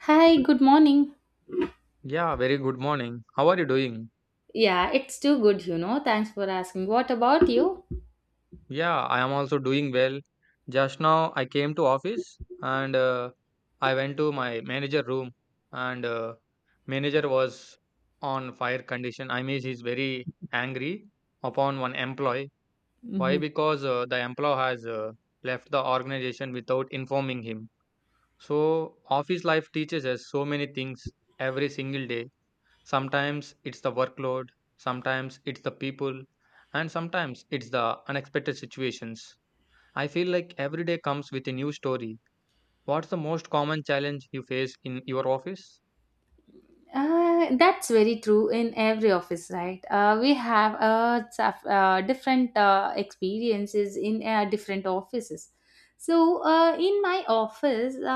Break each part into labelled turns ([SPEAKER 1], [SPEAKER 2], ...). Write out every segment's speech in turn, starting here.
[SPEAKER 1] Hi, good morning.
[SPEAKER 2] Yeah, very good morning. How are you doing?
[SPEAKER 1] Yeah, it's too good, you know. Thanks for asking. What about you?
[SPEAKER 2] Yeah, I am also doing well. Just now I came to office and I went to my manager room and manager was on fire condition. I mean, he's very angry upon one employee. Why? Because the employee has left the organization without informing him. So office life teaches us so many things every single day. Sometimes it's the workload, sometimes it's the people, and sometimes it's the unexpected situations. I feel like every day comes with a new story. What's the most common challenge you face in your office?
[SPEAKER 1] That's very true in every office, right? We have different experiences in different offices. So, in my office, uh,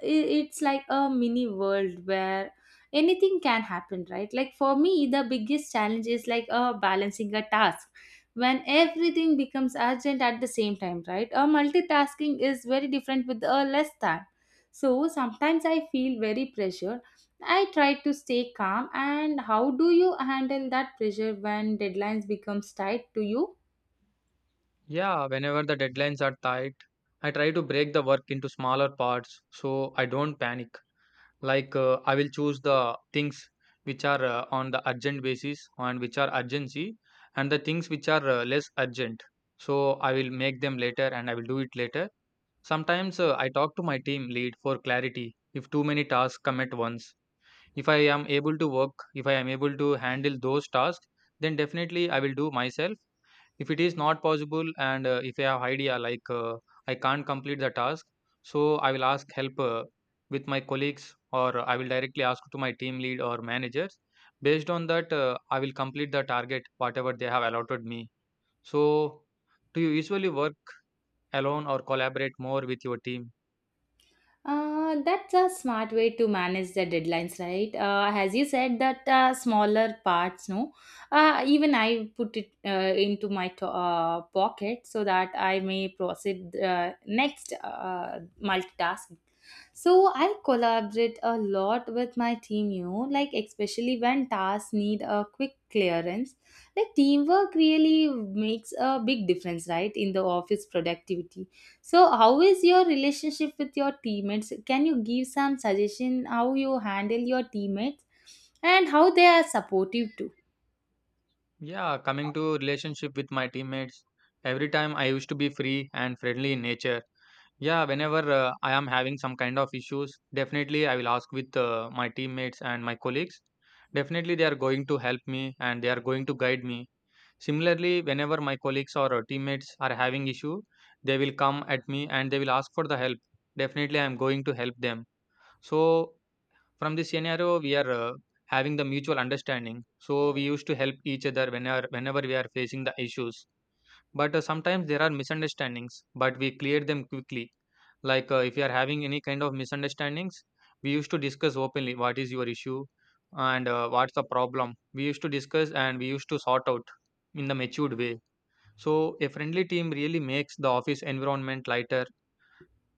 [SPEAKER 1] i- it's like a mini world where anything can happen, right? Like for me, the biggest challenge is like balancing a task when everything becomes urgent at the same time, right? Multitasking is very different with less time. So sometimes I feel very pressured. I try to stay calm. And how do you handle that pressure when deadlines becomes tight to you?
[SPEAKER 2] Yeah, whenever the deadlines are tight, I try to break the work into smaller parts so I don't panic. I will choose the things which are on the urgent basis and which are urgency, and the things which are less urgent. So, I will make them later and I will do it later. Sometimes I talk to my team lead for clarity if too many tasks come at once. If I am able to work, if I am able to handle those tasks, then definitely I will do myself. If it is not possible and if I have idea like I can't complete the task, so I will ask help with my colleagues or I will directly ask to my team lead or managers. Based on that, I will complete the target whatever they have allotted me. So, do you usually work alone or collaborate more with your team?
[SPEAKER 1] That's a smart way to manage the deadlines, right? As you said, that smaller parts, no. Even I put it into my pocket so that I may proceed next multitasking. So I collaborate a lot with my team, you know, like especially when tasks need a quick clearance. Like teamwork really makes a big difference, right, in the office productivity. So, how is your relationship with your teammates? Can you give some suggestion how you handle your teammates and how they are supportive too?
[SPEAKER 2] Yeah, coming to relationship with my teammates, every time I used to be free and friendly in nature. Yeah, whenever I am having some kind of issues, definitely I will ask with my teammates and my colleagues. Definitely they are going to help me and they are going to guide me. Similarly, whenever my colleagues or teammates are having issue, they will come at me and they will ask for the help. Definitely I am going to help them. So from this scenario, we are having the mutual understanding. So we used to help each other whenever we are facing the issues. But sometimes there are misunderstandings, but we clear them quickly. Like if you are having any kind of misunderstandings, we used to discuss openly what is your issue and what's the problem. We used to discuss and we used to sort out in the matured way. So a friendly team really makes the office environment lighter.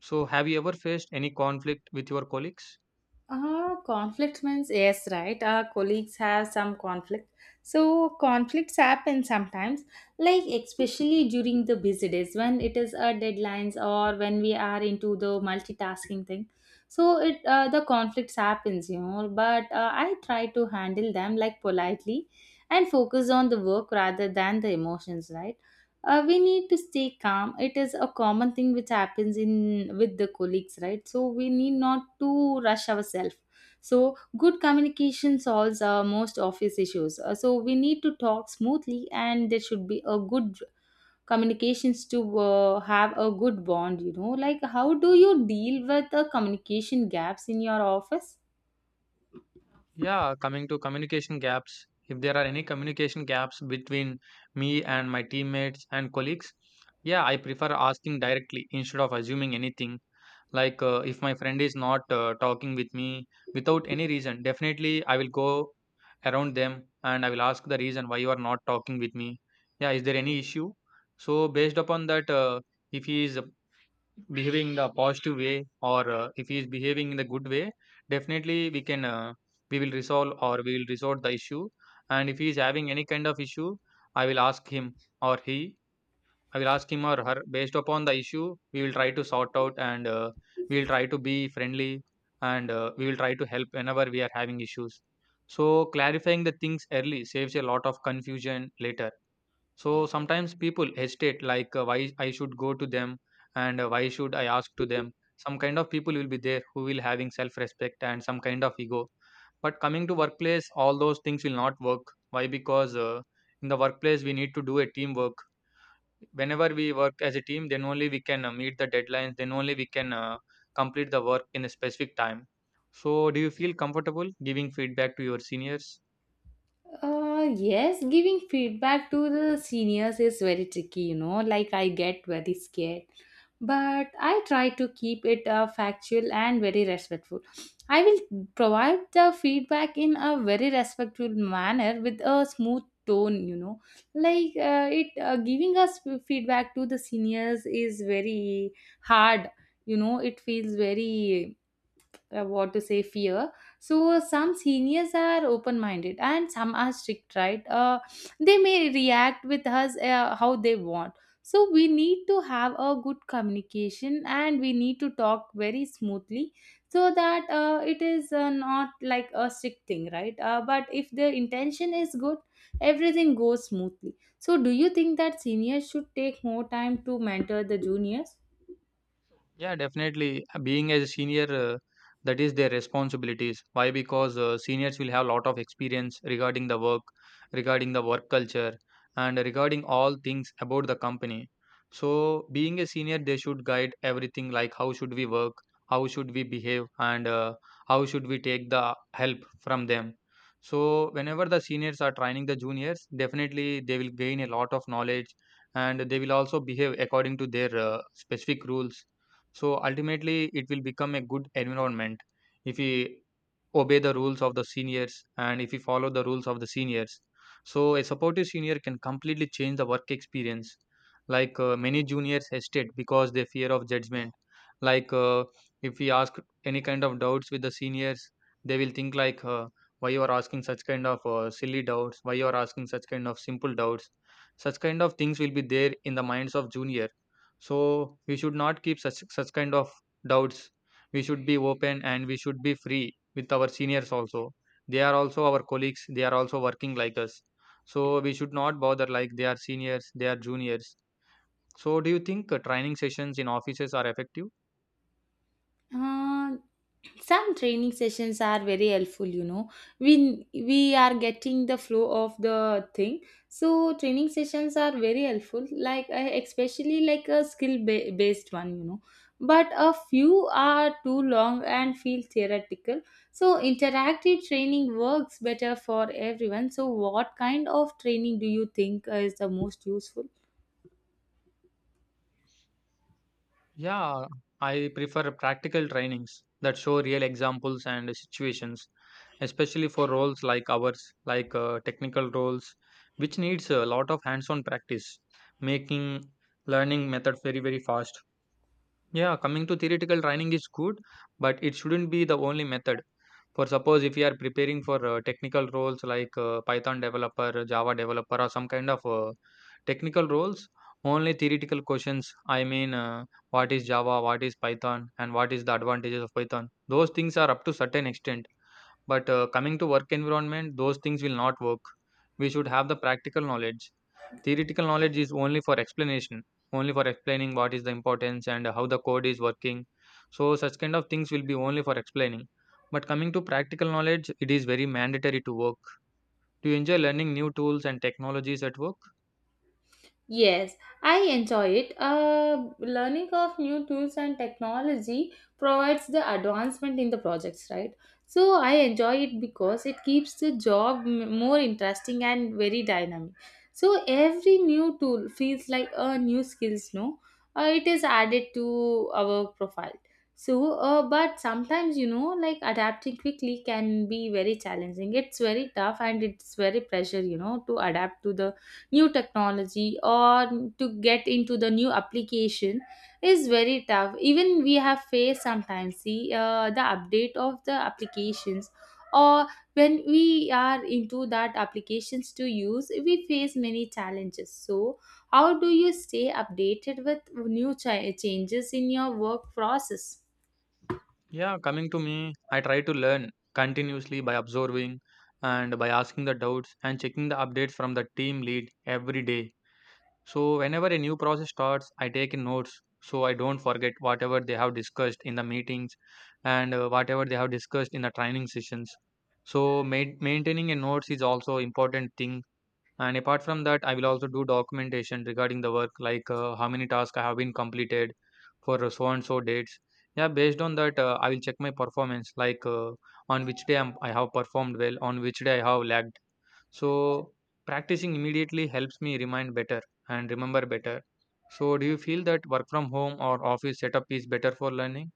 [SPEAKER 2] So have you ever faced any conflict with your colleagues?
[SPEAKER 1] Conflict means yes, right? Our colleagues have some conflict. So conflicts happen sometimes, like especially during the busy days when it is our deadlines or when we are into the multitasking thing. So it the conflicts happens, you know. But I try to handle them like politely and focus on the work rather than the emotions, right? We need to stay calm. It is a common thing which happens in with the colleagues, right? So we need not to rush ourselves. So good communication solves most office issues. So we need to talk smoothly and there should be a good communications to have a good bond, you know. Like how do you deal with the communication gaps in your office?
[SPEAKER 2] Yeah, coming to communication gaps, if there are any communication gaps between me and my teammates and colleagues, yeah, I prefer asking directly instead of assuming anything. Like if my friend is not talking with me without any reason, definitely I will go around them and I will ask the reason why you are not talking with me. Yeah, is there any issue? So based upon that, if he is behaving in the positive way or if he is behaving in the good way, definitely we will resolve or we will resolve the issue. And if he is having any kind of issue, I will ask him or he. I will ask him or her based upon the issue. We will try to sort out and we will try to be friendly and we will try to help whenever we are having issues. So clarifying the things early saves a lot of confusion later. So sometimes people hesitate, like why I should go to them and why should I ask to them. Some kind of people will be there who will having self-respect and some kind of ego. But coming to workplace, all those things will not work. Why? Because in the workplace we need to do a teamwork. Whenever we work as a team, then only we can meet the deadlines. Then only we can complete the work in a specific time. So, do you feel comfortable giving feedback to your seniors?
[SPEAKER 1] Yes, giving feedback to the seniors is very tricky, you know. Like, I get very scared but I try to keep it factual and very respectful. I will provide the feedback in a very respectful manner with a smooth tone, you know. Like it giving us feedback to the seniors is very hard, you know. It feels very what to say, fear. So some seniors are open minded and some are strict, right? They may react with us how they want. So we need to have a good communication and we need to talk very smoothly, so that it is not like a strict thing, right? But if the intention is good, everything goes smoothly. So do you think that seniors should take more time to mentor the juniors?
[SPEAKER 2] Yeah, definitely. Being as a senior, that is their responsibilities. Why? Because seniors will have a lot of experience regarding the work culture, and regarding all things about the company. So, being a senior, they should guide everything like how should we work, how should we behave, and how should we take the help from them. So, whenever the seniors are training the juniors, definitely they will gain a lot of knowledge and they will also behave according to their specific rules so ultimately, it will become a good environment if we obey the rules of the seniors and if we follow the rules of the seniors. So a supportive senior can completely change the work experience. Like many juniors hesitate because they fear of judgment. Like if we ask any kind of doubts with the seniors, they will think like, "Why you are asking such kind of silly doubts? Why you are asking such kind of simple doubts?" Such kind of things will be there in the minds of junior. So we should not keep such kind of doubts. We should be open and we should be free with our seniors also. They are also our colleagues. They are also working like us. So we should not bother like they are seniors, they are juniors. So do you think training sessions in offices are effective?
[SPEAKER 1] uh, some training sessions are very helpful, you know. We are getting the flow of the thing. So training sessions are very helpful, like especially like a based one, you know. But a few are too long and feel theoretical. So interactive training works better for everyone. So what kind of training do you think is the most useful?
[SPEAKER 2] Yeah, I prefer practical trainings that show real examples and situations, especially for roles like ours, like technical roles, which needs a lot of hands-on practice, making learning method very, very fast. Yeah, coming to theoretical training is good, but it shouldn't be the only method. For suppose if you are preparing for technical roles like Python developer, Java developer, or some kind of technical roles, only theoretical questions. I mean, what is Java, what is Python, and what is the advantages of Python? Those things are up to certain extent. But coming to work environment, those things will not work. We should have the practical knowledge. Theoretical knowledge is only for explanation, only for explaining what is the importance and how the code is working. So such kind of things will be only for explaining. But coming to practical knowledge, it is very mandatory to work. Do you enjoy learning new tools and technologies at work?
[SPEAKER 1] Yes, I enjoy it. Learning of new tools and technology provides the advancement in the projects, right? So I enjoy it because it keeps the job more interesting and very dynamic. So every new tool feels like a new skills, no? It is added to our profile. So, but sometimes you know, like adapting quickly can be very challenging. It's very tough and it's very pressure, you know, to adapt to the new technology or to get into the new application is very tough. Even we have faced sometimes, see the update of the applications or when we are into that applications to use, we face many challenges. So how do you stay updated with new changes in your work process?
[SPEAKER 2] Yeah, coming to me, I try to learn continuously by observing and by asking the doubts and checking the updates from the team lead every day. So, whenever a new process starts, I take in notes so I don't forget whatever they have discussed in the meetings and whatever they have discussed in the training sessions. So, maintaining a notes is also important thing. And apart from that, I will also do documentation regarding the work, like how many tasks I have been completed for so and so dates. Yeah, based on that, I will check my performance, like on which day I have performed well, on which day I have lagged so, practicing immediately helps me remind better and remember better. So, do you feel that work from home or office setup is better for learning?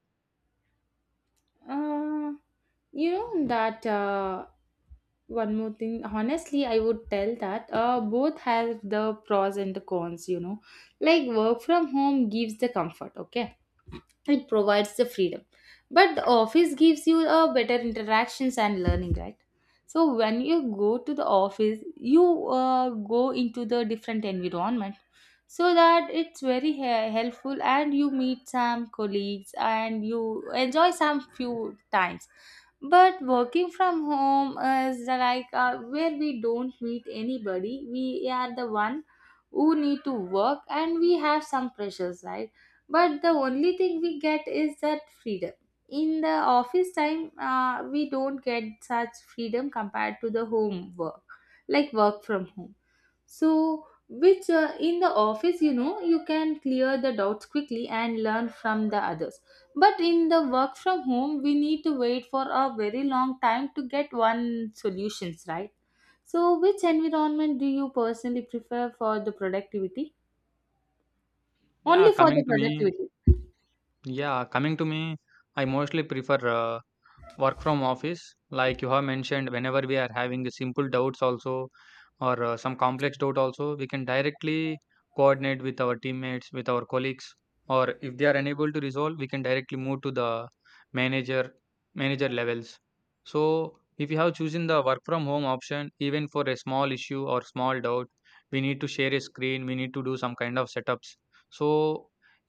[SPEAKER 1] Uh, you know that One more thing, honestly I would tell that both have the pros and the cons, you know. Like work from home gives the comfort, okay. It provides the freedom, but the office gives you a better interactions and learning, right? So when you go to the office, you go into the different environment, so that it's very helpful and you meet some colleagues and you enjoy some few times. But working from home is like where we don't meet anybody. We are the one who need to work and we have some pressures, right? But the only thing we get is that freedom. In the office time we don't get such freedom compared to the home work, like work from home. So which in the office, you know, you can clear the doubts quickly and learn from the others. But in the work from home, we need to wait for a very long time to get one solutions, right? So which environment do you personally prefer for the productivity?
[SPEAKER 2] Yeah,
[SPEAKER 1] Only for
[SPEAKER 2] coming
[SPEAKER 1] the
[SPEAKER 2] to me,
[SPEAKER 1] productivity.
[SPEAKER 2] yeah, coming to me, I mostly prefer work from office like you have mentioned whenever we are having the simple doubts also or some complex doubt also we can directly coordinate with our teammates with our colleagues or if they are unable to resolve we can directly move to the manager manager levels so if you have chosen the work from home option even for a small issue or small doubt we need to share a screen we need to do some kind of setups so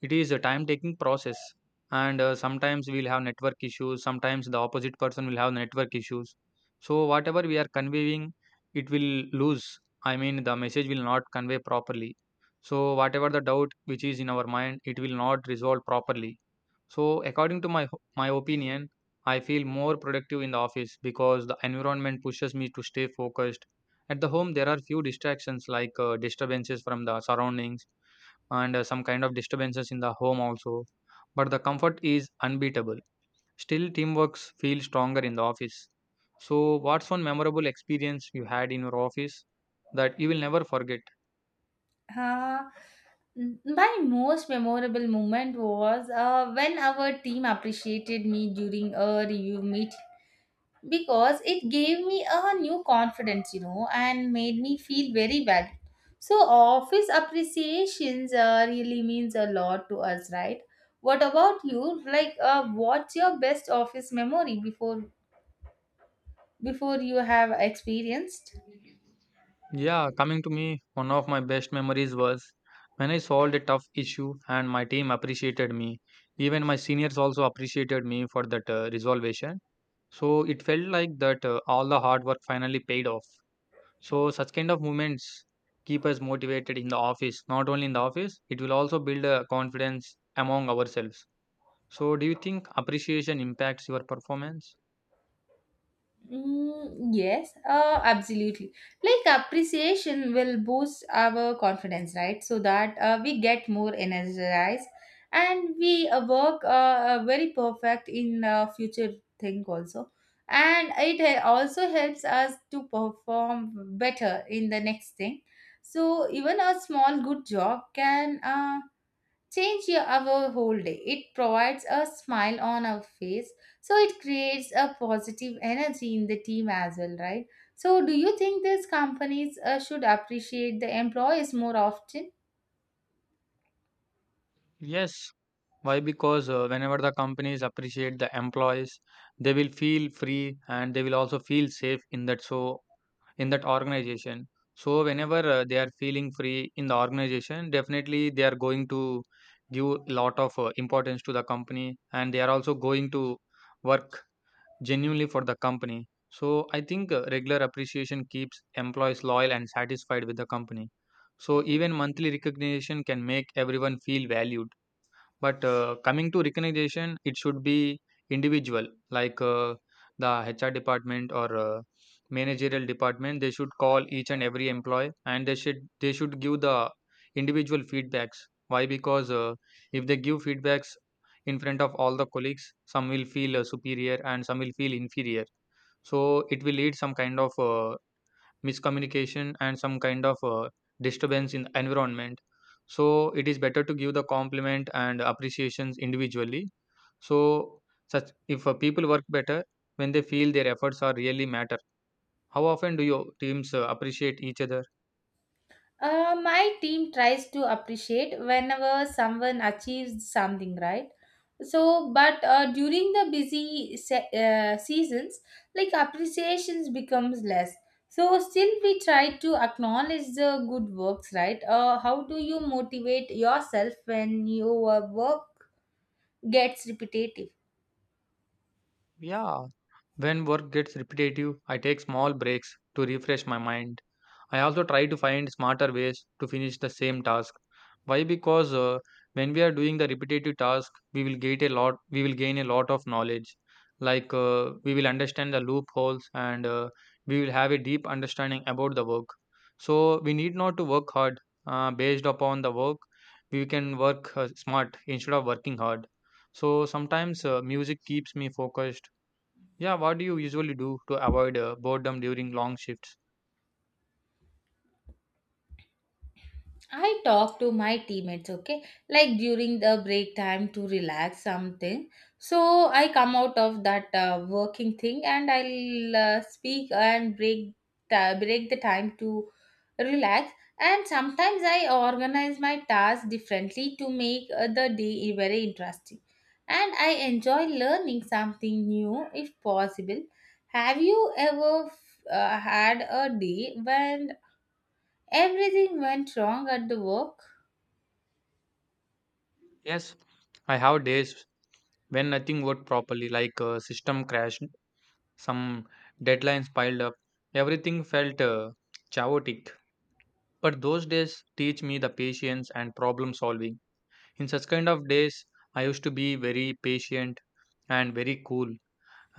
[SPEAKER 2] it is a time taking process and, sometimes we'll have network issues, sometimes the opposite person will have network issues. So whatever we are conveying, it will lose. I mean, the message will not convey properly. So whatever the doubt which is in our mind, it will not resolve properly. So according to my opinion, I feel more productive in the office because the environment pushes me to stay focused. At the home, there are few distractions like disturbances from the surroundings and some kind of disturbances in the home also but the comfort is unbeatable. Still, teamwork feels stronger in the office. So, what's one memorable experience you had in your office that you will never forget?
[SPEAKER 1] Uh, my most memorable moment was when our team appreciated me during a review meeting, because it gave me a new confidence, you know, and made me feel very valued. So, office appreciations really means a lot to us, right? What about you? Like, what's your best office memory before you have experienced?
[SPEAKER 2] Yeah, coming to me, one of my best memories was when I solved a tough issue and my team appreciated me. Even my seniors also appreciated me for that resolution. So, it felt like that all the hard work finally paid off. So such kind of movements keep us motivated in the office. Not only in the office, it will also build a confidence among ourselves. So do you think appreciation impacts your performance?
[SPEAKER 1] Mm, yes, absolutely. Like appreciation will boost our confidence, right? So that we get more energized and we work very perfect in future thing also. And it also helps us to perform better in the next thing. So even a small good job can change our whole day. It provides a smile on our face, so it creates a positive energy in the team as well, right? So, do you think these companies should appreciate the employees more often?
[SPEAKER 2] Yes. Why? Because whenever the companies appreciate the employees, they will feel free and they will also feel safe in that so in that organization. So whenever they are feeling free in the organization, definitely they are going to give lot of importance to the company, and they are also going to work genuinely for the company. So I think regular appreciation keeps employees loyal and satisfied with the company. So even monthly recognition can make everyone feel valued. But coming to recognition, it should be individual, like the HR department or managerial department. They should call each and every employee, and they should give the individual feedbacks. Why? Because if they give feedbacks in front of all the colleagues, some will feel superior and some will feel inferior. So it will lead some kind of miscommunication and some kind of disturbance in the environment. So it is better to give the compliment and appreciations individually. So such if people work better when they feel their efforts are really matter. How often do your teams appreciate each other?
[SPEAKER 1] My team tries to appreciate whenever someone achieves something, right? So, but during the seasons, like appreciations becomes less. So, still we try to acknowledge the good works, right? How do you motivate yourself when your work gets repetitive?
[SPEAKER 2] Yeah, when work gets repetitive, I take small breaks to refresh my mind. I also try to find smarter ways to finish the same task. Why? Because when we are doing the repetitive task, we will get a lot. We will gain a lot of knowledge. Like we will understand the loopholes, and we will have a deep understanding about the work. So we need not to work hard based upon the work. We can work smart instead of working hard. So sometimes music keeps me focused. Yeah, what do you usually do to avoid boredom during long shifts?
[SPEAKER 1] I talk to my teammates, okay, like during the break time to relax something. So I come out of that working thing and I'll speak and break break the time to relax. And sometimes I organize my tasks differently to make the day very interesting. And I enjoy learning something new if possible. Have you ever had a day when everything went wrong at the work?
[SPEAKER 2] Yes, I have days when nothing worked properly, like a system crashed, some deadlines piled up, everything felt chaotic. But those days teach me the patience and problem solving. In such kind of days, I used to be very patient and very cool,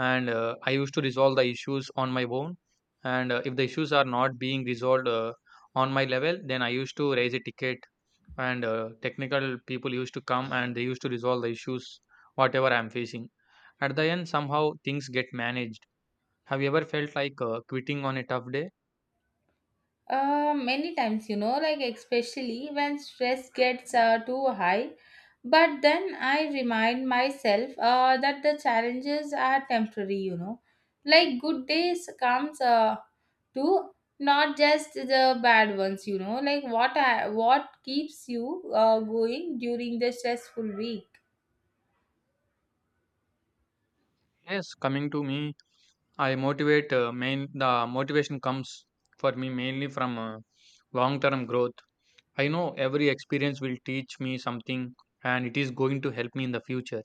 [SPEAKER 2] and I used to resolve the issues on my own. And if the issues are not being resolved on my level, then I used to raise a ticket, and technical people used to come and they used to resolve the issues whatever I'm facing. At the end, somehow things get managed. Have you ever felt like quitting on a tough day?
[SPEAKER 1] Many times, you know, like especially when stress gets too high. But then I remind myself that the challenges are temporary, you know. Like good days comes too, not just the bad ones, you know. Like what keeps you going during the stressful week?
[SPEAKER 2] Yes, coming to me, I motivate main the motivation comes for me mainly from long term growth. I know every experience will teach me something, and it is going to help me in the future.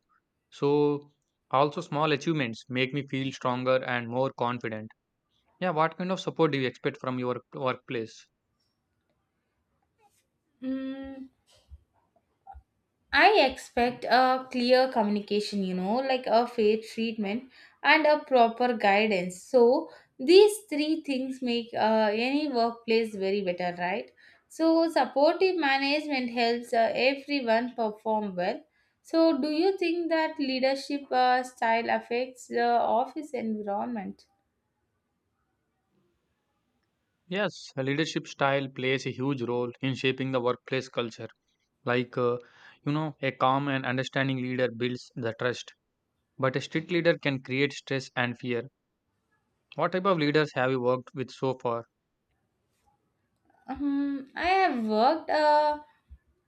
[SPEAKER 2] So also small achievements make me feel stronger and more confident. Yeah, what kind of support do you expect from your workplace?
[SPEAKER 1] Mm, I expect a clear communication, you know, like a fair treatment and a proper guidance. So these three things make any workplace very better, right? So supportive management helps everyone perform well. So do you think that leadership style affects the office environment?
[SPEAKER 2] Yes, a leadership style plays a huge role in shaping the workplace culture. Like uh, you know, a calm and understanding leader builds the trust. But a strict leader can create stress and fear. What type of leaders have you worked with so far?
[SPEAKER 1] I have worked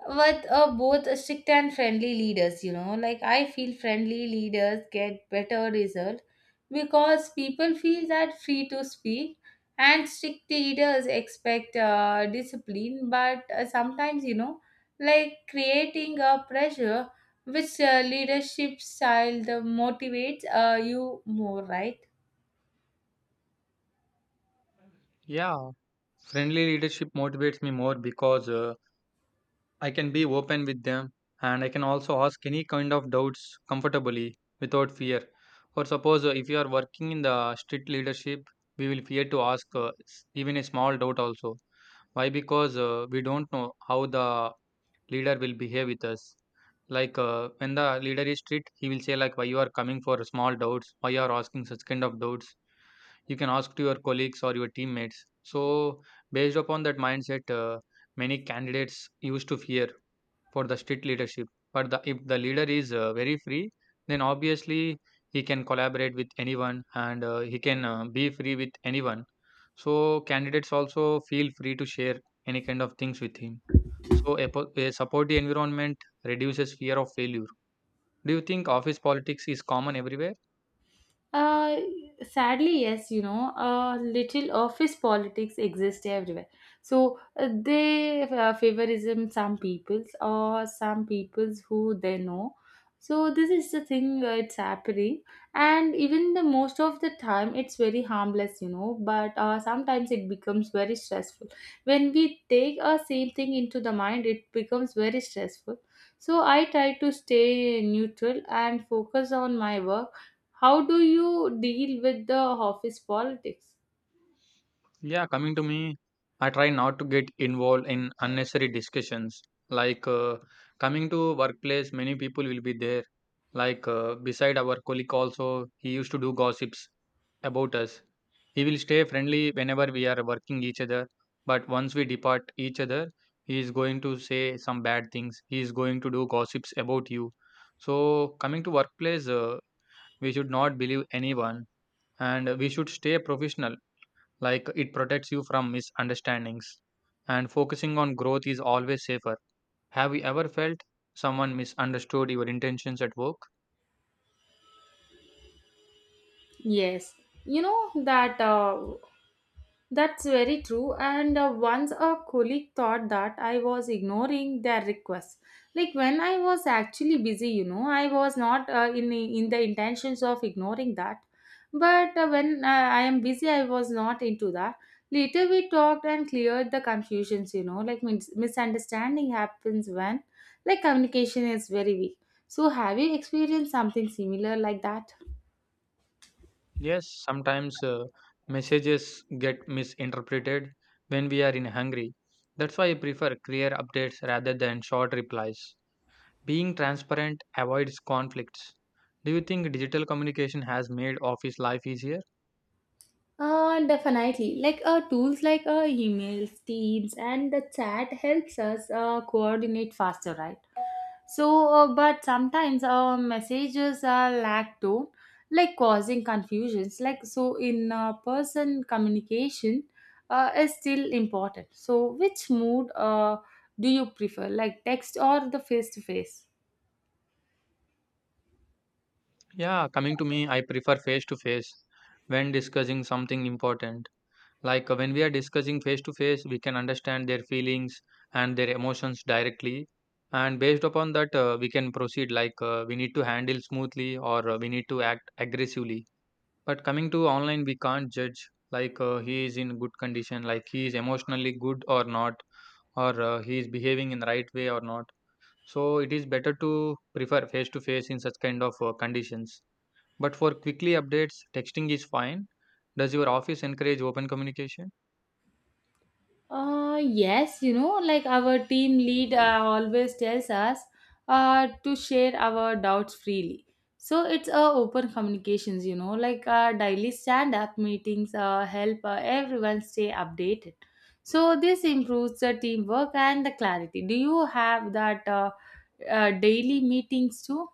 [SPEAKER 1] with both strict and friendly leaders, you know. Like, I feel friendly leaders get better result because people feel that free to speak, and strict leaders expect discipline, but sometimes, you know, like creating a pressure. Which leadership style the motivates you more, right?
[SPEAKER 2] Yeah, friendly leadership motivates me more because I can be open with them, and I can also ask any kind of doubts comfortably without fear. For suppose if you are working in the strict leadership, we will fear to ask even a small doubt also. Why? Because we don't know how the leader will behave with us. Like when the leader is strict, he will say like, why you are coming for small doubts, why you are asking such kind of doubts, you can ask to your colleagues or your teammates. So based upon that mindset, many candidates used to fear for the strict leadership. But if the leader is very free, then obviously he can collaborate with anyone, and he can be free with anyone. So candidates also feel free to share any kind of things with him. So a supportive environment reduces fear of failure. Do you think office politics is common everywhere?
[SPEAKER 1] Uh, Sadly, yes, you know, little office politics exist everywhere. So they favorism some peoples or some peoples who they know. So this is the thing it's happening, and even the most of the time it's very harmless, you know. But sometimes it becomes very stressful when we take a same thing into the mind. It becomes very stressful. So I try to stay neutral and focus on my work. How do you deal with the office politics?
[SPEAKER 2] Yeah, coming to me, I try not to get involved in unnecessary discussions. Like coming to workplace, many people will be there. Like beside our colleague also, he used to do gossips about us. He will stay friendly whenever we are working each other, but once we depart each other, he is going to say some bad things. He is going to do gossips about you. So coming to workplace, we should not believe anyone, and we should stay professional. Like it protects you from misunderstandings, and focusing on growth is always safer. Have you ever felt someone misunderstood your intentions at work?
[SPEAKER 1] Yes, you know that. That's very true. And once a colleague thought that I was ignoring their requests. Like when I was actually busy, you know, I was not in in the intentions of ignoring that. But when I am busy, I was not into that. Later we talked and cleared the confusions. You know, like misunderstanding happens when like communication is very weak. So have you experienced something similar like that?
[SPEAKER 2] Yes, sometimes messages get misinterpreted when we are in hungry. That's why I prefer clear updates rather than short replies. Being transparent avoids conflicts. Do you think digital communication has made office life easier?
[SPEAKER 1] Definitely. Like tools like emails, Teams, and the chat helps us coordinate faster, right? So, but sometimes messages are lack tone, like causing confusions. Like so, in person communication is still important. So, which mood do you prefer, like text or the face to face?
[SPEAKER 2] Yeah, coming to me, I prefer face to face when discussing something important. Like when we are discussing face to face, we can understand their feelings and their emotions directly. And based upon that, we can proceed like we need to handle smoothly or we need to act aggressively. But coming to online, we can't judge like he is in good condition, like he is emotionally good or not, or he is behaving in the right way or not. So it is better to prefer face to face in such kind of conditions. But for quickly updates, texting is fine. Does your office encourage open communication?
[SPEAKER 1] Yes, you know, like our team lead always tells us to share our doubts freely. So it's open communications, you know, like daily stand up meetings help everyone stay updated. So this improves the teamwork and the clarity. Do you have that daily meetings too?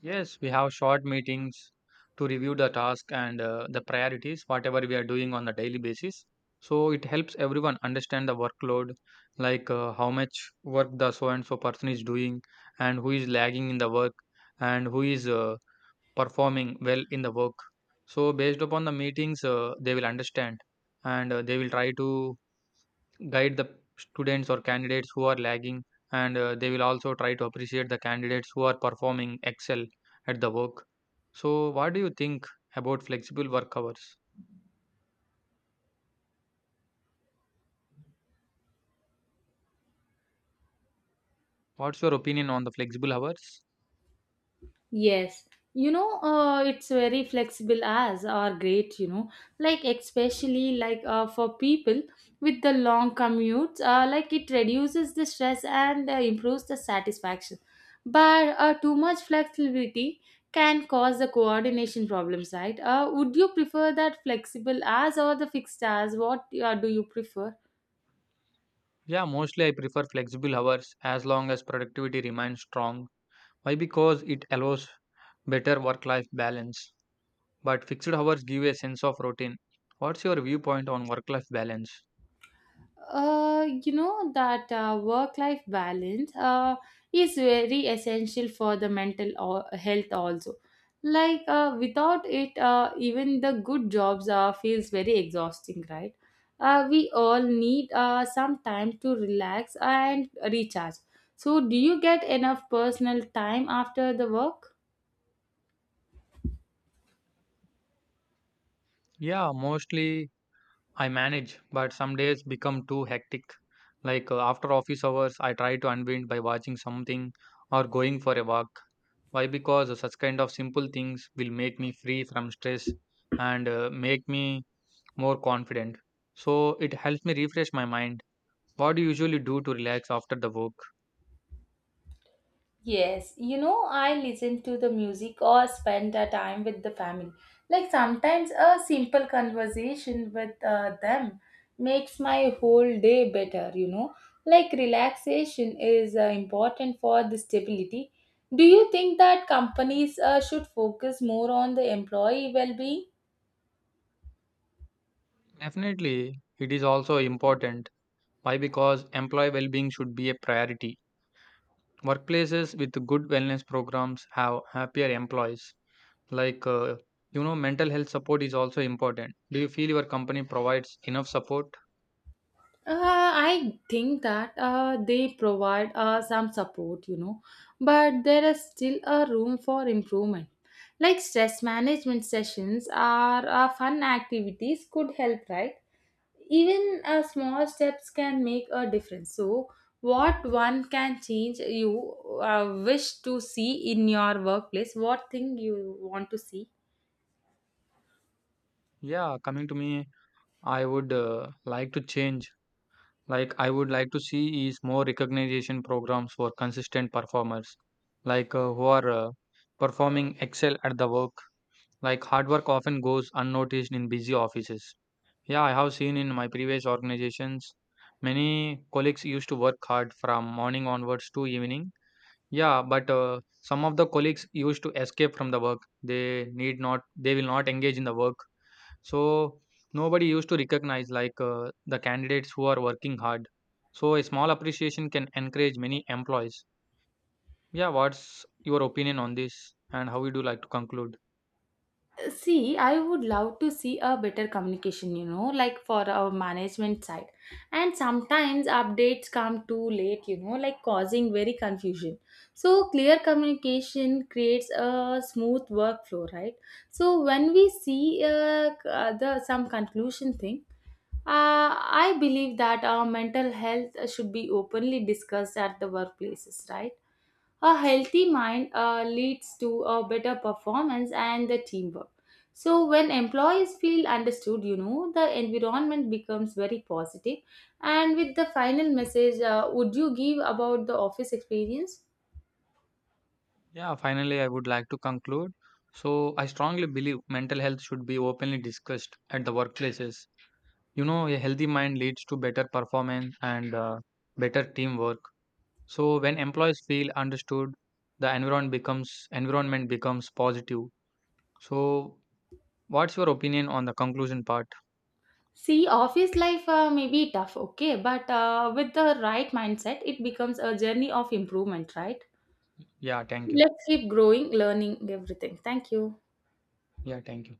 [SPEAKER 2] Yes, we have short meetings to review the task and the priorities, whatever we are doing on a daily basis. So it helps everyone understand the workload, like how much work the so and so person is doing, and who is lagging in the work, and who is performing well in the work. So based upon the meetings, they will understand, and they will try to guide the students or candidates who are lagging, and they will also try to appreciate the candidates who are performing excel at the work. So what do you think about flexible work hours? What's your opinion on the flexible hours?
[SPEAKER 1] Yes, you know, it's very flexible as are great, you know, like especially like for people with the long commutes, like it reduces the stress and improves the satisfaction. But too much flexibility can cause the coordination problems, right? Would you prefer that flexible as or the fixed as? What do you prefer?
[SPEAKER 2] Yeah, mostly I prefer flexible hours as long as productivity remains strong. Why? Because it allows better work life balance, but fixed hours give a sense of routine. What's your viewpoint on work life balance?
[SPEAKER 1] You know that Work-life balance is very essential for the mental health also. Like without it, even the good jobs feels very exhausting, right? We all need some time to relax and recharge. So, do you get enough personal time after the work?
[SPEAKER 2] Yeah, mostly I manage, but some days become too hectic. Like after office hours, I try to unwind by watching something or going for a walk. Why? Because such kind of simple things will make me free from stress and make me more confident. So it helps me refresh my mind. What do you usually do to relax after the work?
[SPEAKER 1] Yes, you know, I listen to the music or spend a time with the family. Like sometimes a simple conversation with them makes my whole day better, you know. Like relaxation is important for the stability. Do you think that companies should focus more on the employee well being?
[SPEAKER 2] Definitely, it is also important. Why? Because employee well being should be a priority. Workplaces with good wellness programs have happier employees. Like, uh, you know, mental health support is also important. Do you feel your company provides enough support?
[SPEAKER 1] I think that they provide some support, you know, but there is still a room for improvement. Like stress management sessions are fun activities could help, right? Even small steps can make a difference. So, what one can change you wish to see in your workplace? What thing you want to see?
[SPEAKER 2] Yeah, coming to me, I would like to change. Like, I would like to see is more recognition programs for consistent performers, like who are performing excel at the work. Like, hard work often goes unnoticed in busy offices. Yeah, I have seen in my previous organizations many colleagues used to work hard from morning onwards to evening. Yeah, but some of the colleagues used to escape from the work. They need not, they will not engage in the work. So nobody used to recognize like the candidates who are working hard. So a small appreciation can encourage many employees. Yeah, what's your opinion on this, and how would you like to conclude?
[SPEAKER 1] See, I would love to see a better communication, you know, like for our management side. And sometimes updates come too late, you know, like causing very confusion. So, clear communication creates a smooth workflow, right? So, when we see the some conclusion thing, I believe that our mental health should be openly discussed at the workplaces, right? A healthy mind leads to a better performance and the teamwork. So when employees feel understood, you know, the environment becomes very positive. And with the final message, would you give about the office experience?
[SPEAKER 2] Yeah, finally, I would like to conclude. So, I strongly believe mental health should be openly discussed at the workplaces. You know, a healthy mind leads to better performance and better teamwork. So, when employees feel understood, the environment becomes positive. So, what's your opinion on the conclusion part?
[SPEAKER 1] See, office life may be tough, okay, but with the right mindset, it becomes a journey of improvement, right?
[SPEAKER 2] Yeah, thank you.
[SPEAKER 1] Let's keep growing, learning everything. Thank you.
[SPEAKER 2] Yeah, thank you.